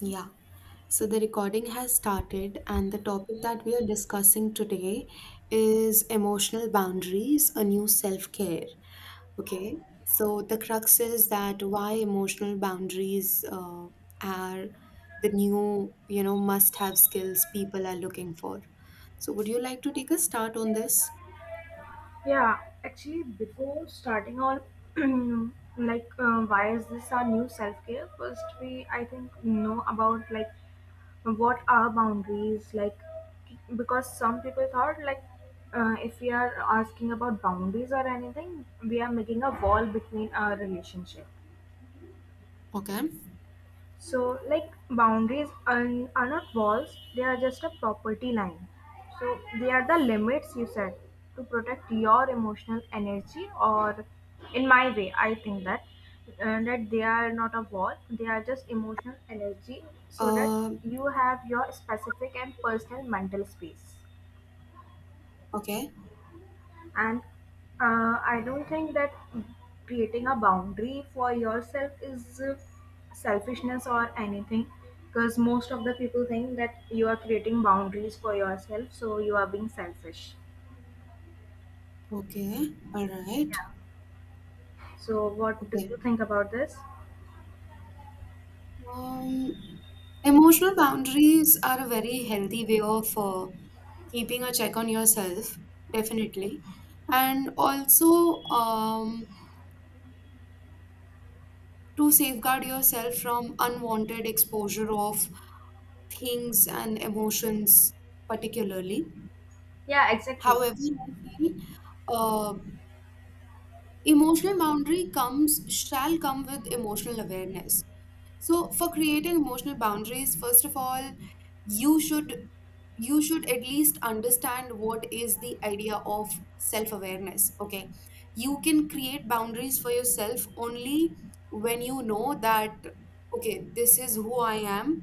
Yeah, so the recording has started, and the topic that we are discussing today is emotional boundaries, a new self-care. Okay, so the crux is that why emotional boundaries are the new, must-have skills people are looking for. So, would you like to take a start on this? Yeah, actually, before starting on why is this our new self care? First, we I think know about what are boundaries, because some people thought like if we are asking about boundaries or anything, we are making a wall between our relationship. Okay. So, like boundaries and are not walls, they are just a property line. So, they are the limits you set to protect your emotional energy, or in my way, I think that they are not a wall, they are just emotional energy, so that Um, you have your specific and personal mental space. okay, And I don't think that creating a boundary for yourself is selfishness or anything, because most of the people think that you are creating boundaries for yourself, so you are being selfish. okay, all right, Yeah. So, what do okay. you think about this? Um, Emotional boundaries are a very healthy way of keeping a check on yourself, definitely. And also to safeguard yourself from unwanted exposure of things and emotions, particularly. Yeah, exactly. However, I feel uh, emotional boundary comes, shall come with emotional awareness. So, for creating emotional boundaries, first of all, you should you should at least understand what is the idea of self awareness. Okay, you can create boundaries for yourself only when you know that okay, this is who I am.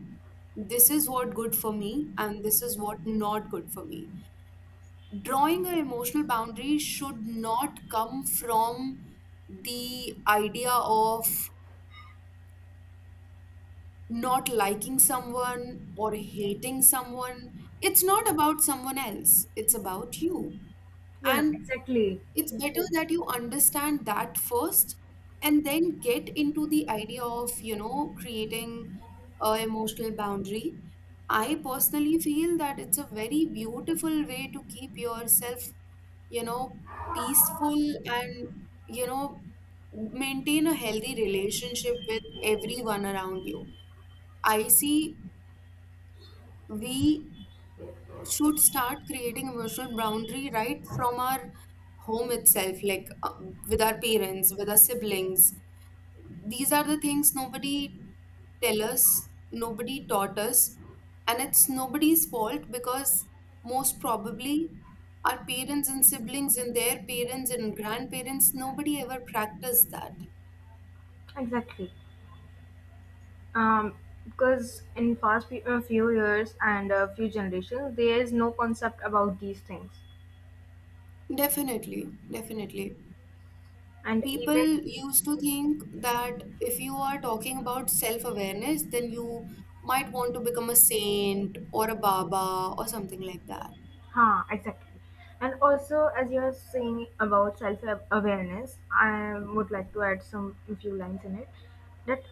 This is what good for me and this is what not good for me. Drawing an emotional boundary should not come from the idea of not liking someone or hating someone. It's not about someone else, it's about you. Yeah, And exactly. it's better that you understand that first, and then get into the idea of creating a emotional boundary. I personally feel that it's a very beautiful way to keep yourself, you know peaceful, and, you know maintain a healthy relationship with everyone around you. I see we should start creating emotional boundary right from our home itself, like with our parents, with our siblings. These are the things nobody tell us, nobody taught us, and it's nobody's fault because most probably our parents and siblings and their parents and grandparents, nobody ever practiced that. Exactly. Um, because in past few years and a few generations, there is no concept about these things. Definitely, definitely And people even used to think that if you are talking about self awareness, then you might want to become a saint or a Baba or something like that. huh, exactly. And also, as you're saying about self awareness, I would like to add some few lines in it. That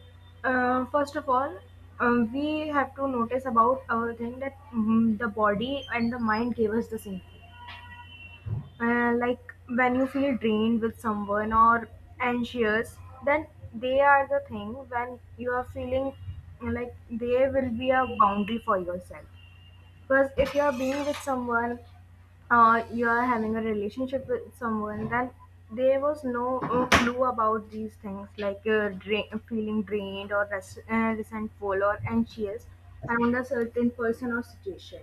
first of all, we have to notice about our thing that the body and the mind gave us the same thing. Like when you feel drained with someone or anxious, then they are the thing when you are feeling like they will be a boundary for yourself, because if you're being with someone, you're having a relationship with someone, then there was no clue about these things like feeling drained or resentful or anxious around a certain person or situation.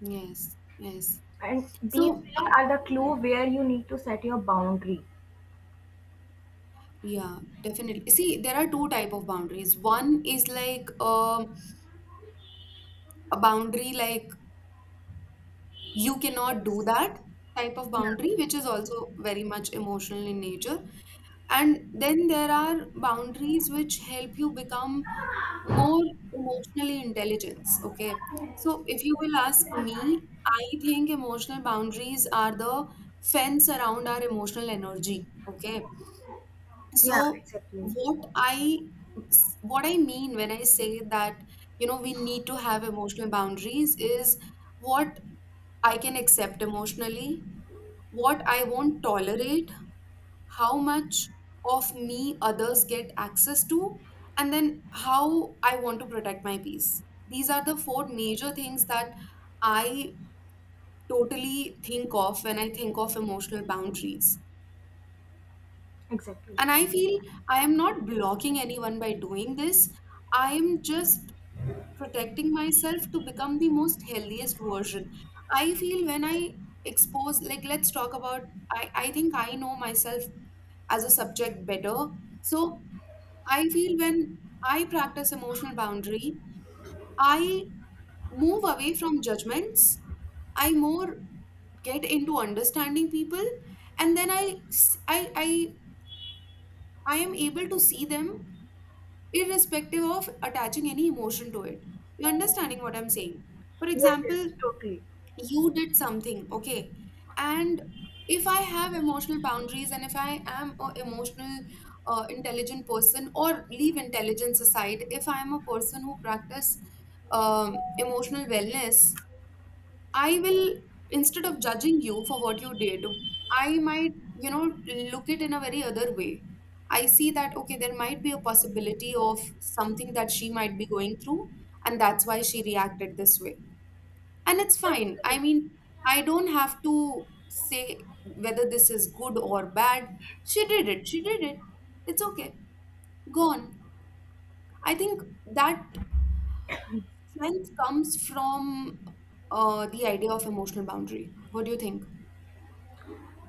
Yes, yes. And these So, things are the clue where you need to set your boundary. yeah, definitely. See, there are two type of boundaries. One is like a boundary like you cannot do that type of Yeah, boundary, which is also very much emotional in nature. And then there are boundaries which help you become more emotionally intelligence. Okay, so if you will ask me, I think emotional boundaries are the fence around our emotional energy. Okay, so yeah, exactly, what i what I mean when I say that we need to have emotional boundaries is what I can accept emotionally, what I won't tolerate, how much of me others get access to, and then how I want to protect my peace. These are the four major things that I totally think of when I think of emotional boundaries. exactly. And I feel I am not blocking anyone by doing this. I am just protecting myself to become the most healthiest version. I feel when I expose, like, let's talk about, I think I know myself as a subject better. So I feel when I practice emotional boundary, I move away from judgments. I more get into understanding people, and then I s- I am able to see them irrespective of attaching any emotion to it. You understanding what I'm saying? For Yes, yes, example, totally. you did something, okay? And if I have emotional boundaries and if I am a emotional intelligent person, or leave intelligence aside, if I am a person who practice emotional wellness, I will, instead of judging you for what you did, I might, look it in a very other way. I see that okay, there might be a possibility of something that she might be going through, and that's why she reacted this way, and it's fine. I Exactly. mean, I don't have to say whether this is good or bad. She did it. She did it. It's okay. Go on. I think that strength comes from the idea of emotional boundary. What do you think?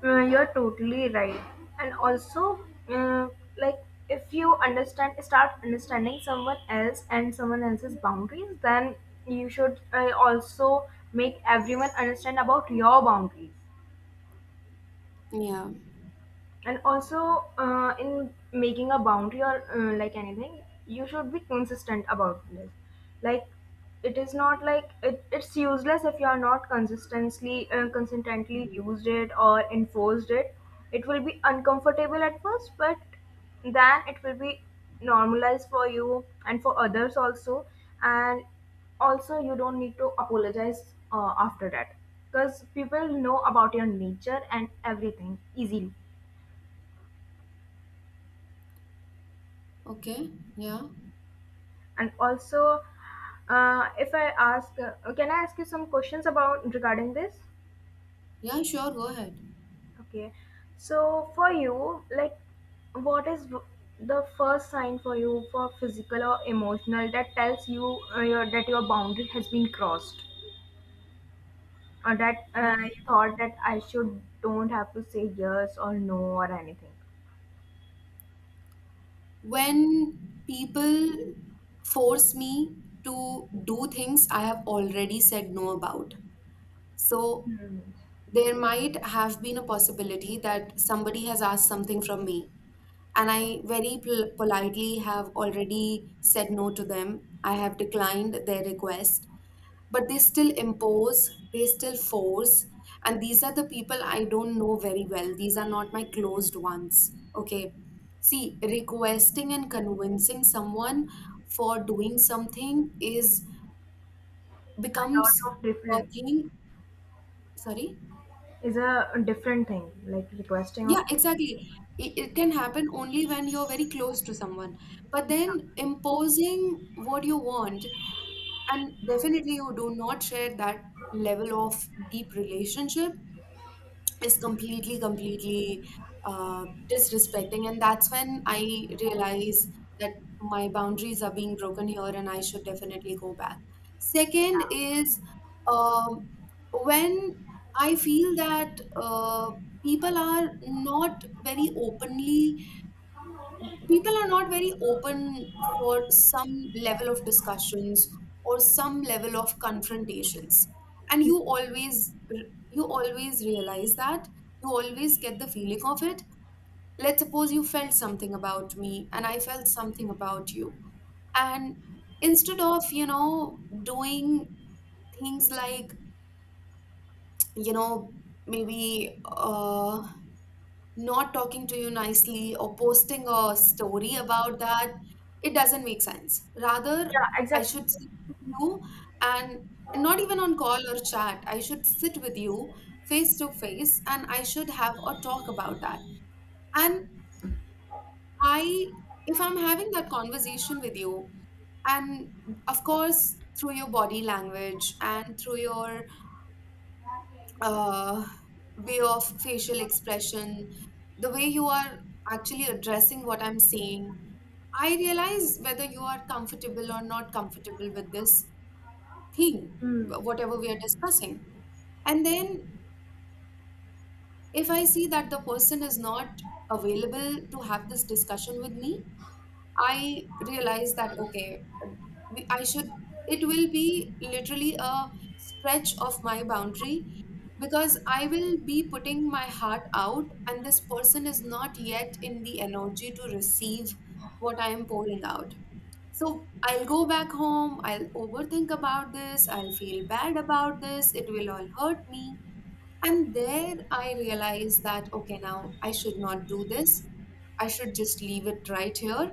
You're totally right. And also, uh, like, if you understand, start understanding someone else and someone else's boundaries, then you should also make everyone understand about your boundaries. Yeah. And also in making a boundary or anything, you should be consistent about this. Like, it is not like it's useless if you are not consistently used it or enforced it. It will be uncomfortable at first, but then it will be normalized for you and for others also. And also you don't need to apologize after that, because people know about your nature and everything easily. Okay. Yeah. And also, if I ask, can I ask you some questions about regarding this? Yeah, sure. Go ahead. Okay. So for you, what is the first sign for you for physical or emotional that tells you that your boundary has been crossed, or that Mm, you thought that I should don't have to say yes or no or anything? when people force me to do things I have already said no about. So Hmm. there might have been a possibility that somebody has asked something from me, and I very politely have already said no to them. I have declined their request, but they still impose, they still force, and these are the people I don't know very well. These are not my closed ones. Okay. See, requesting and convincing someone for doing something is A lot becomes of a different thing. Sorry? is a different thing, like requesting Yeah, of. exactly. It can happen only when you're very close to someone. But then imposing what you want, and definitely you do not share that level of deep relationship, is completely uh, disrespecting, and that's when I realize that my boundaries are being broken here and I should definitely go back. Second is um, when I feel that people are not very openly people are not very open for some level of discussions or some level of confrontations, and you always realize that you always get the feeling of it. Let's suppose you felt something about me and I felt something about you, and instead of doing things like, you know maybe not talking to you nicely or posting a story about that, it doesn't make sense. Rather, Yeah, I exactly. should sit with you, and not even on call or chat. I should sit with you face to face and I should have a talk about that. And I, if I'm having that conversation with you, and of course, through your body language and through your uh, way of facial expression, the way you are actually addressing what I'm saying, I realize whether you are comfortable or not comfortable with this thing, Hmm. whatever we are discussing. And then if I see that the person is not available to have this discussion with me, I realized that okay, I should. It will be literally a stretch of my boundary because I will be putting my heart out, and this person is not yet in the energy to receive what I am pouring out. So I'll go back home. I'll overthink about this. I'll feel bad about this. It will all hurt me. And there I realized that, okay, now I should not do this. I should just leave it right here.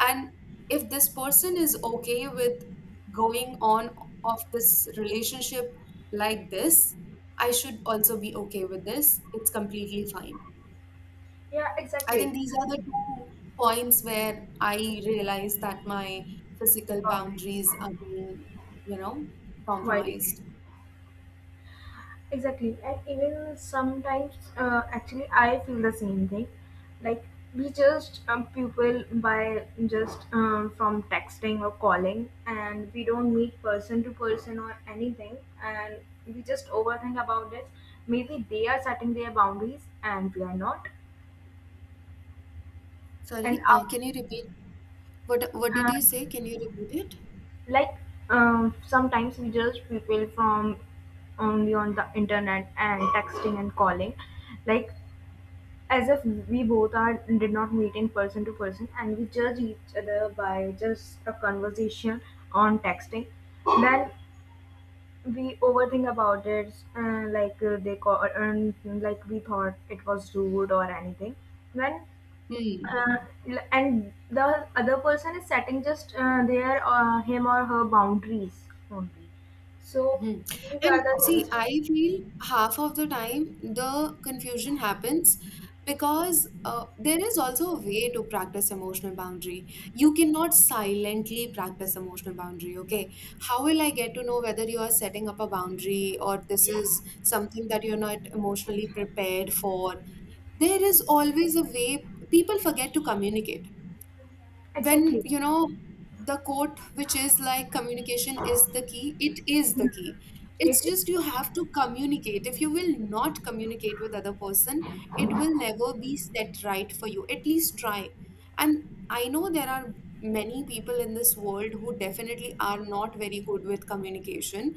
And if this person is okay with going on of this relationship like this, I should also be okay with this. It's completely fine. Yeah, I exactly. think these are the two points where I realized that my physical Boundaries boundaries are being, you know, while compromised. eating. Exactly, and even sometimes, actually, I feel the same thing. Like, we just people by just from texting or calling, and we don't meet person to person or anything, and we just overthink about it. Maybe they are setting their boundaries and we are not. And Sorry, our, can you repeat? What did you say? and Can you repeat it? like sometimes we just people from only on the internet and texting and calling, like, as if we both are did not meet in person to person, and we judge each other by just a conversation on texting. Then we overthink about it. They call, and like, we thought it was rude or anything. Then Hmm. uh, and the other person is setting just their him or her boundaries only. So Hmm. these are And the see, things. I feel half of the time the confusion happens because there is also a way to practice emotional boundary. You cannot silently practice emotional boundary, okay? How will I get to know whether you are setting up a boundary or this is something that you're not emotionally prepared for? There is always a way people forget to communicate. When Exactly, the quote which is like communication is the key, it is the key. It's it just you is have to communicate. If you will not communicate with other person, it will never be set right for you. At least try. And I know there are many people in this world who definitely are not very good with communication,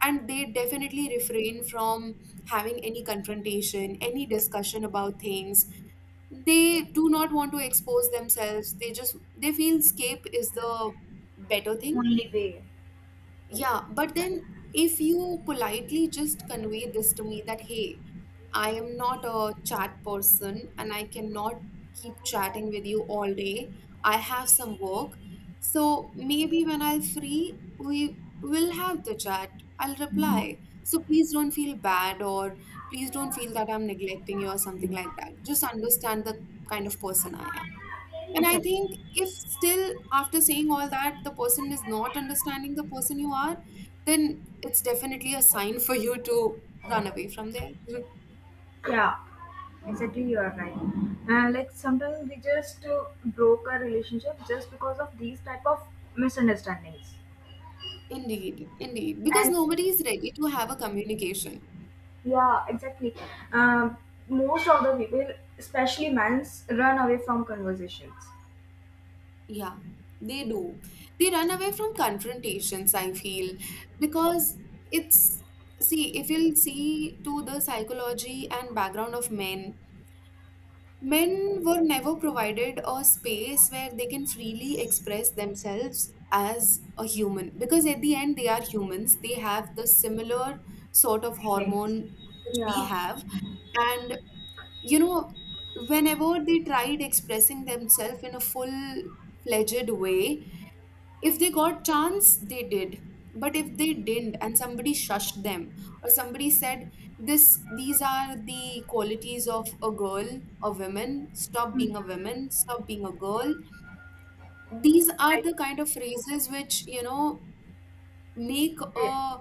and they definitely refrain from having any confrontation, any discussion about things. They do not want to expose themselves. They feel escape is the better the thing. only way. Yeah, but then if you politely just convey this to me that, hey, I am not a chat person and I cannot keep chatting with you all day. I have some work. So maybe when I'll free, we will have the chat. I'll reply. So please don't feel bad or please don't feel that I'm neglecting you or something like that. Just understand the kind of person I am. And I Exactly. think if still after saying all that, the person is not understanding the person you are, then it's definitely a sign for you to run away from there. Yeah, exactly. You are right. And like sometimes we just broke a relationship just because of these type of misunderstandings. Indeed, indeed. Because And nobody is ready to have a communication. yeah, exactly. Um, Most of the people, especially men's, run away from conversations, Yeah, they do. They run away from confrontations, I feel, because it's, see, if you'll see to the psychology and background of men, men were never provided a space where they can freely express themselves as a human, because at the end they are humans, they have the similar sort of feelings. hormone which we Yeah, have. And, you know whenever they tried expressing themselves in a full fledged way, if they got chance they did, but if they didn't and somebody shushed them, or somebody said this, these are the qualities of a girl, a woman, stop being a woman, stop being a girl, these are like the kind of phrases which, make they, a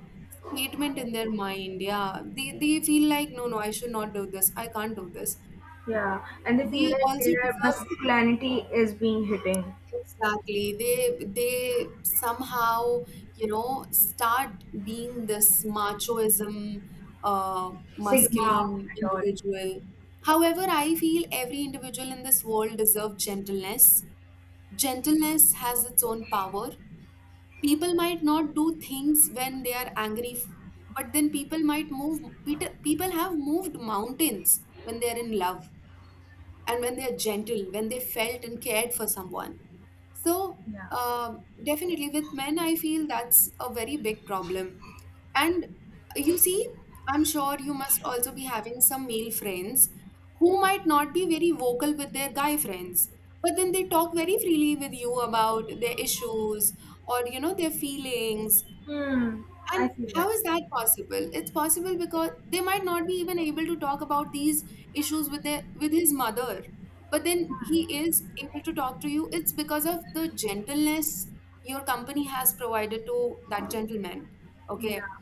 statement in their mind. Yeah, they feel like no, no, I should not do this, I can't do this. yeah, and they feel They like also their deserve. masculinity is being hitting, Exactly. They somehow, start being this machoism, uh, sigma masculine and all. individual. However, I feel every individual in this world deserves gentleness. Gentleness has its own power. People might not do things when they are angry, but then people might move. People have moved mountains when they are in love and when they are gentle, when they felt and cared for someone. So, Yeah. Definitely with men, I feel that's a very big problem. And, you see, I'm sure you must also be having some male friends who might not be very vocal with their guy friends, but then they talk very freely with you about their issues or, their feelings. Hmm. I And feel how that. is that possible? It's possible because they might not be even able to talk about these issues with their with his mother. But then he is able to talk to you. It's because of the gentleness your company has provided to that gentleman. Okay. Yeah.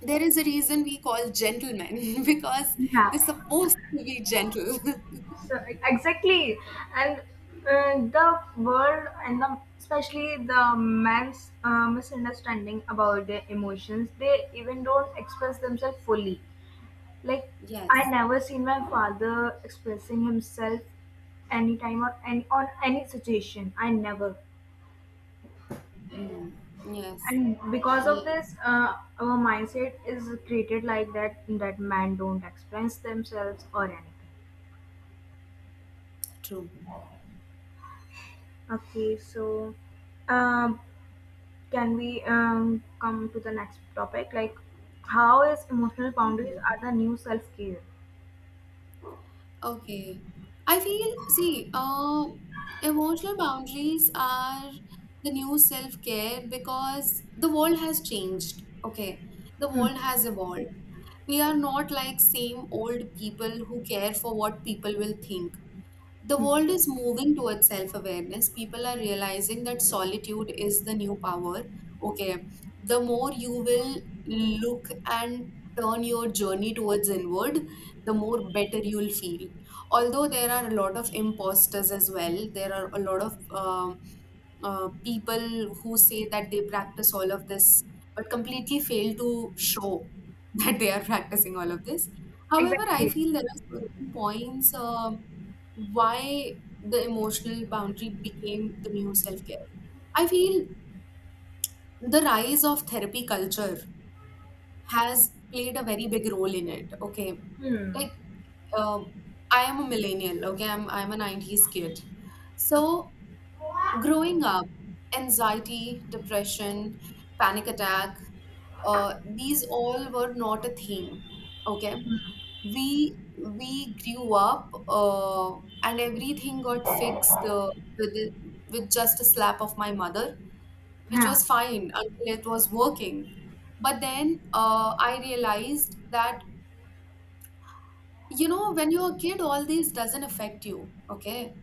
There is a reason we call gentlemen because they're Yeah. supposed to be gentle. So exactly, and the world and the, especially the man's misunderstanding about their emotions, they even don't express themselves fully. Like, I Yes. never seen my father expressing himself anytime or any on any situation. I never, Hmm. Yes. and because of Yes. this, our mindset is created like that, that man don't express themselves or anything. True. Okay, so. Um, Can we come to the next topic? Like, how is emotional boundaries are the new self care? Okay. I feel, see, emotional boundaries are the new self-care because the world has changed. Okay. The world has evolved. We are not like same old people who care for what people will think. The world is moving towards self awareness. People are realizing that solitude is the new power. Okay, the more you will look and turn your journey towards inward, the more better you'll feel. Although there are a lot of imposters as well, there are a lot of people who say that they practice all of this but completely fail to show that they are practicing all of this. However, I Exactly. feel there are certain points why the emotional boundary became the new self care. I feel the rise of therapy culture has played a very big role in it. Okay, Hmm. like, uh, I am a millennial. Okay, I'm a '90s kid. Okay. So, growing up, anxiety, depression, panic attack, these all were not a thing. Okay, we we grew up, and everything got fixed, with it, with just a slap of my mother, which Yeah. was fine until it was working. But then, I realized that, when you're a kid, all these doesn't affect you. Okay,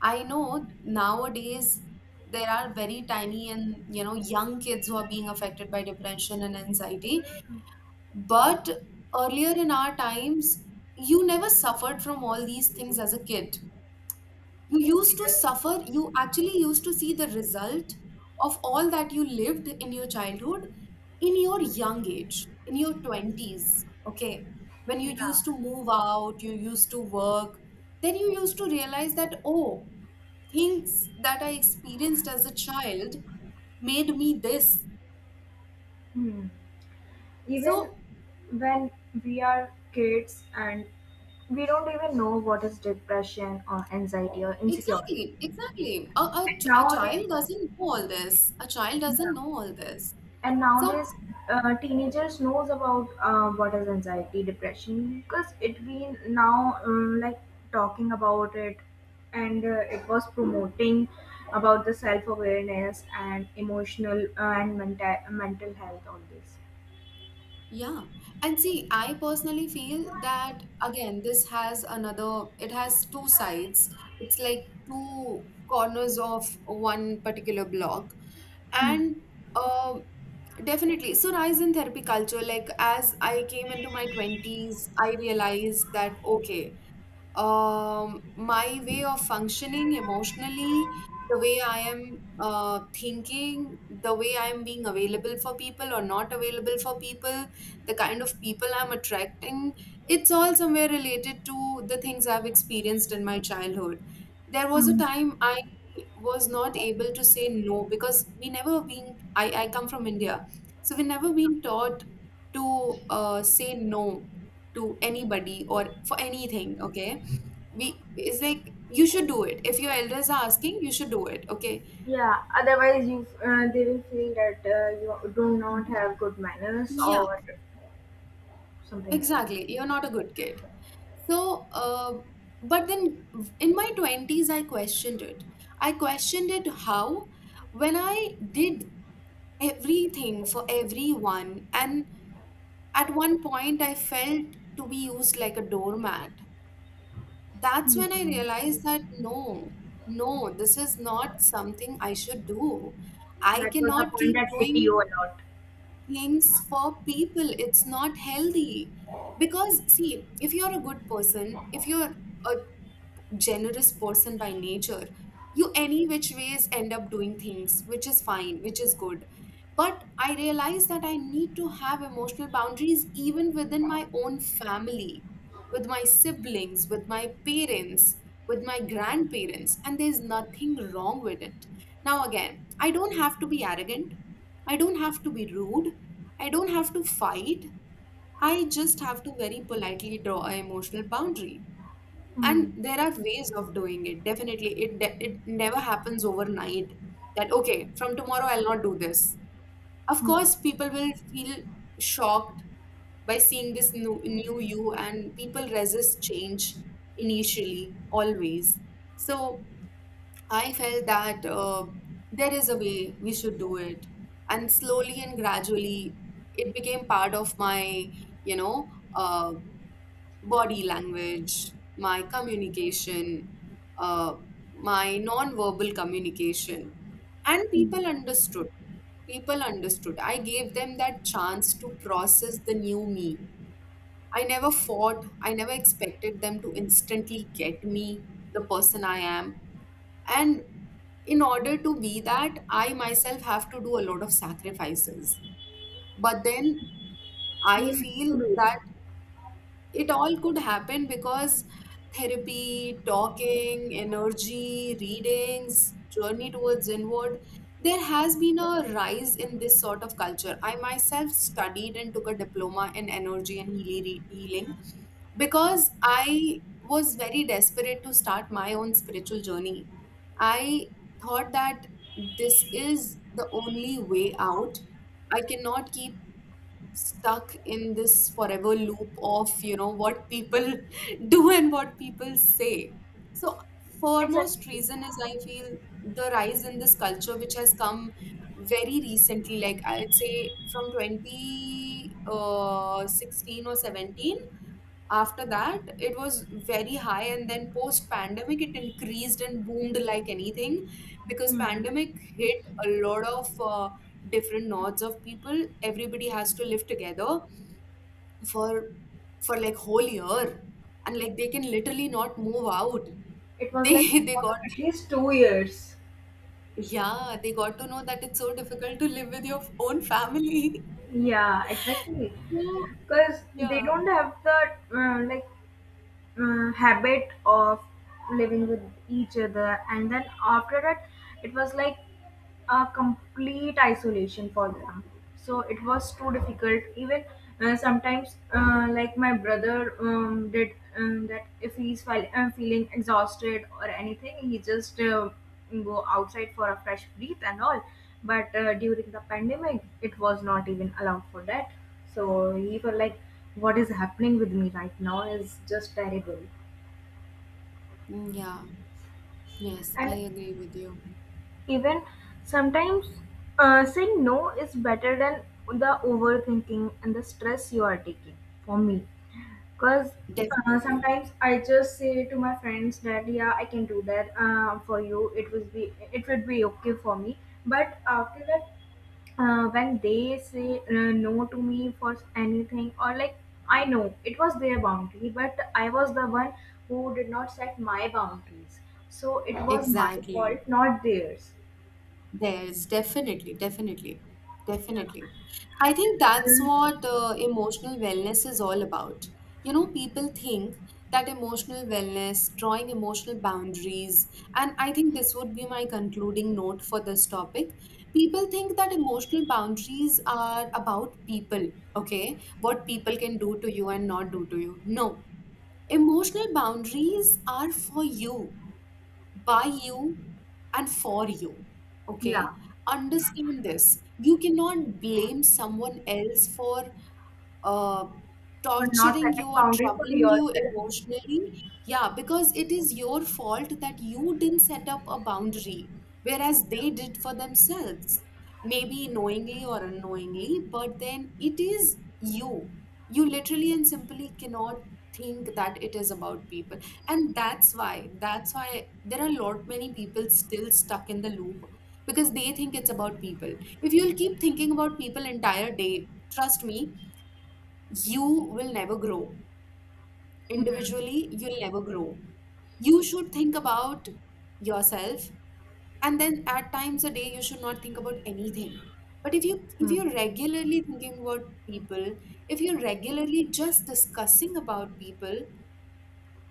I know nowadays there are very tiny and, young kids who are being affected by depression and anxiety. But earlier in our times, you never suffered from all these things as a kid. You used to suffer, you actually used to see the result of all that you lived in your childhood, in your young age, in your 20s, okay? When you used to move out, you used to work, then you used to realize that, oh, things that I experienced as a child made me this. Hmm. Even So, when we are kids and we don't even know what is depression or anxiety or insecurity. exactly, exactly. A child Nowadays, doesn't know all this. A child doesn't yeah. know all this. And So, nowadays teenagers knows about what is anxiety depression, because it been now, like, talking about it, and it was promoting about the self awareness and emotional and mental health all this. yeah. And see, I personally feel that, again, this has another, it has two sides. It's like two corners of one particular block. And, um definitely, so, rise in therapy culture, like as I came into my 20s, I realized that, okay, my way of functioning emotionally, the way I am, thinking, the way I am being available for people or not available for people, the kind of people I'm attracting, it's all somewhere related to the things I've experienced in my childhood. There was a Hmm. time I was not able to say no, because we never been, I come from India, so we never been taught to, say no to anybody or for anything. Okay, we it's like you should do it. If your elders are asking, you should do it. Okay. Yeah, otherwise you they will feel that you do not Mhm. have good manners Yeah, or something like exactly, you're not a good kid. So, uh, but then in my 20s, I questioned it. How, when I did everything for everyone, and at one point I felt to be used like a doormat, that's when I realized that no, no, this is not something I should do. that. I That was the cannot point keep that hit you doing a lot. things for people. It's not healthy. Because, see, if you're a good person, if you're a generous person by nature, you any which ways end up doing things, which is fine, which is good. But I realized that I need to have emotional boundaries even within my own family, with my siblings, with my parents, with my grandparents, and there's nothing wrong with it. Now, again, I don't have to be arrogant, I don't have to be rude, I don't have to fight. I just have to very politely draw an emotional boundary, Hmm. and there are ways of doing it. Definitely, it never happens overnight, that okay, from tomorrow I'll not do this. Of Hmm. course people will feel shocked by seeing this new, new you, and people resist change initially, always. So, I felt that, there is a way we should do it, and slowly and gradually it became part of my, you know uh body language, my communication, uh, my non-verbal communication. And people understood. People understood. I gave them that chance to process the new me. I never fought. I never expected them to instantly get me, the person I am. And in order to be that, I myself have to do a lot of sacrifices. But then I We have feel to do it. that it all could happen because therapy, talking, energy, readings, journey towards inward, there has been a rise in this sort of culture. I myself studied and took a diploma in energy and healing because I was very desperate to start my own spiritual journey. I thought that this is the only way out. I cannot keep stuck in this forever loop of, what people do and what people say. So, foremost Exactly. reason is, I feel, the rise in this culture, which has come very recently, like I'd say from 20, 16 or 17. After that it was very high, and then post pandemic it increased and boomed like anything, because Hmm. pandemic hit a lot of, different nodes of people. Everybody has to live together for like whole year, and like they can literally not move out. It was They like they got. at least 2 years. Yeah, they got to know that it's so difficult to live with your own family. Yeah, exactly. So, Because they yeah. don't have the uh, like habit of living with each other, and then after that it was like a complete isolation for them. So it was too difficult. Even sometimes like, my brother did that, if he's feeling exhausted or anything, he just go outside for a fresh breath and all. But during the pandemic, it was not even allowed for that. So he was like, what is happening with me right now is just terrible. Mm, yeah, yes, I And agree with you. even sometimes, saying no is better than the overthinking and the stress you are taking for me. Because Definitely. sometimes I just say to my friends that, yeah, I can do that for you. It would be, it would be okay for me. But after that, when they say no to me for anything or like, I know it was their boundary, but I was the one who did not set my boundaries. So it was my Exactly. fault, not theirs. There's definitely, definitely, definitely. I think that's what, emotional wellness is all about. People think that emotional wellness, drawing emotional boundaries, and I think this would be my concluding note for this topic. People think that emotional boundaries are about people, okay? What people can do to you and not do to you. No, emotional boundaries are for you, by you, and for you. Yeah, Okay? Understand this. You cannot blame someone else for, uh, for not torturing you setting or boundary for troubling you yourself. emotionally. Yeah, because it is your fault that you didn't set up a boundary, whereas they did for themselves, maybe knowingly or unknowingly, but then it is you. You literally and simply cannot think that it is about people, and that's why there are a lot many people still stuck in the loop, because they think it's about people. If you'll keep thinking about people entire day, trust me, you will never grow. Individually, you'll never grow. You should think about yourself, and then at times a day you should not think about anything. But if you if Hmm. you're regularly thinking about people, if you're regularly just discussing about people,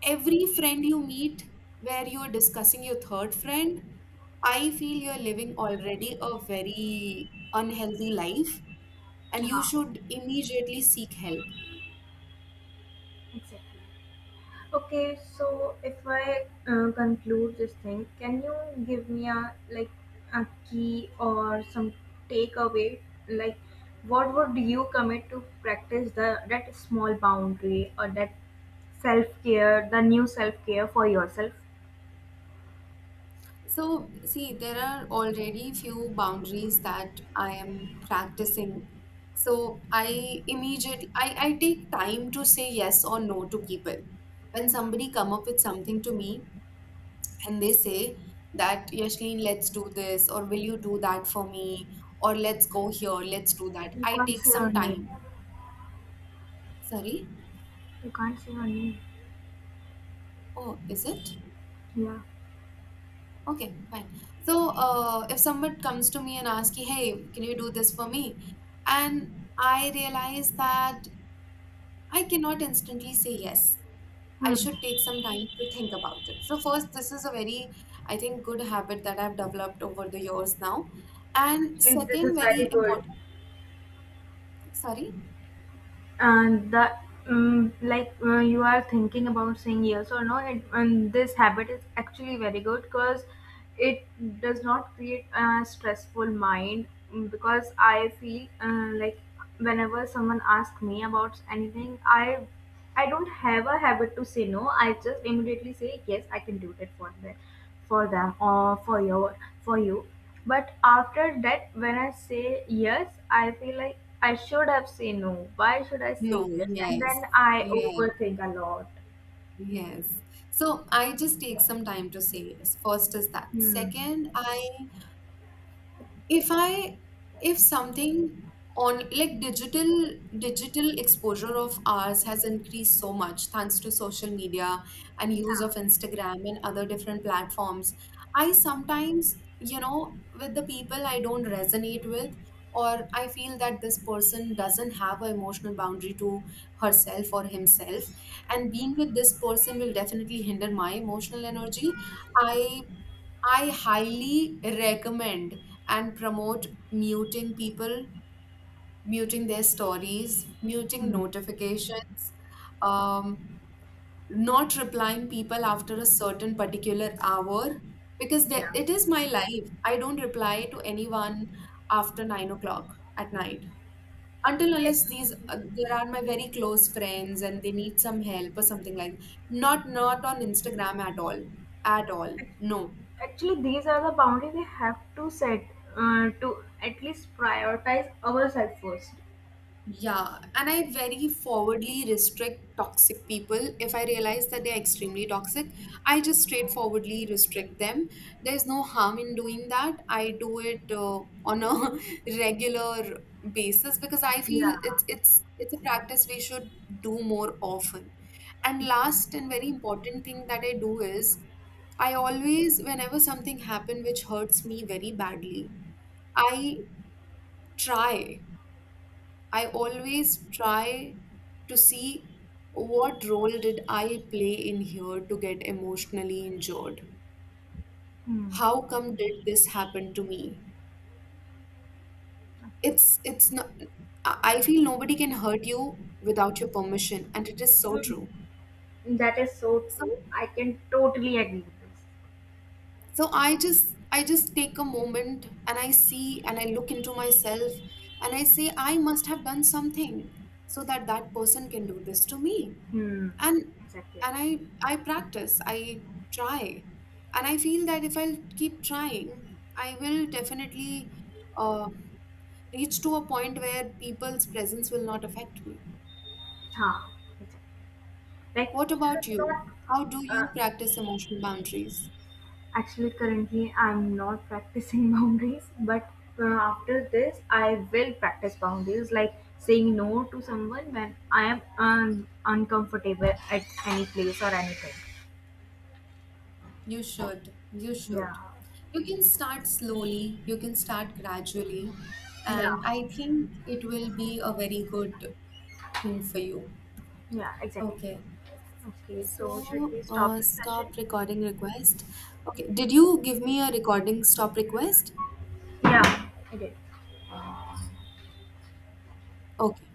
every friend you meet where you're discussing your third friend, I feel you're living already a very unhealthy life and you Yeah, should immediately seek help. exactly. Okay, so if I conclude this thing, can you give me a, like, a key or some takeaway? Like, what would you commit to practice the, that small boundary or that self care, the new self care for yourself? So, see, there are already few boundaries that I am practicing. So, I immediately, I take time to say yes or no to people. When somebody come up with something to me and they say that, Yashlin, let's do this, or will you do that for me, or let's go here, let's do that. You I can't take say your some time. name. Sorry? You can't say your name. Oh, is it? Yeah. Okay, fine. So, if someone comes to me and asks, "Hey, can you do this for me?" and I realize that I cannot instantly say yes. I Hmm. should take some time to think about it. So, first, this is a very, I think, good habit that I've developed over the years now. And I This second, is very very good. important, sorry, And the, you are thinking about saying yes or no it, and this habit is actually very good, because it does not create a stressful mind. Because I feel whenever someone asks me about anything, I don't have a habit to say no. I just immediately say yes, I can do that for them or for your, for you. But after that, when I say yes, I feel like I should have said no. Why should I no, say yes? And yes, then I yes, overthink a lot. yes. So I just take some time to say yes. First is that. Hmm. Second, I if something on, like, digital exposure of ours has increased so much, thanks to social media and use of Instagram and other different platforms. I sometimes, with the people I don't resonate with, or I feel that this person doesn't have an emotional boundary to herself or himself, and being with this person will definitely hinder my emotional energy, i I highly recommend and promote muting people, muting their stories, muting Hmm. notifications, um, not replying people after a certain particular hour, because there, Yeah. it is my life. I don't reply to anyone after 9 o'clock at night, until unless these, there are my very close friends and they need some help or something, like not on Instagram at all, at all. No. Actually, these are the boundaries we have to set to at least prioritize ourselves first. Yeah, and I very forwardly restrict toxic people. If I realize that they're extremely toxic, I just straightforwardly restrict them. There's no harm in doing that. I do it, on a regular basis because I feel Yeah. it's a practice we should do more often. And last and very important thing that I do is, I always, whenever something happens which hurts me very badly, I try. I always try to see what role did I play in here to get emotionally injured? Hmm. How come did this happen to me? Okay. It's not. I feel nobody can hurt you without your permission, and it is so true. Hmm. That is so So true. I can totally agree with this. so I just take a moment and I see and I look into myself, and I say I must have done something so that that person can do this to me. Hmm. and Exactly. and I practice, I try, and I feel that if I'll keep trying, I will definitely, uh, reach to a point where people's presence will not affect me. Huh. Exactly. Like, What you about should you? not. How do you Uh, practice emotional boundaries? actually, currently, I'm not practicing boundaries, but after this, I will practice boundaries, like saying no to someone when I am uncomfortable at any place or anything. You should. You Yeah. should. You can start slowly, you can start gradually, Yeah. and I think it will be a very good thing for you. Yeah. Exactly. Okay. Okay. So, should So, we stop this session? stop recording request. Okay, did you give me a recording stop request? Yeah. I did. Okay,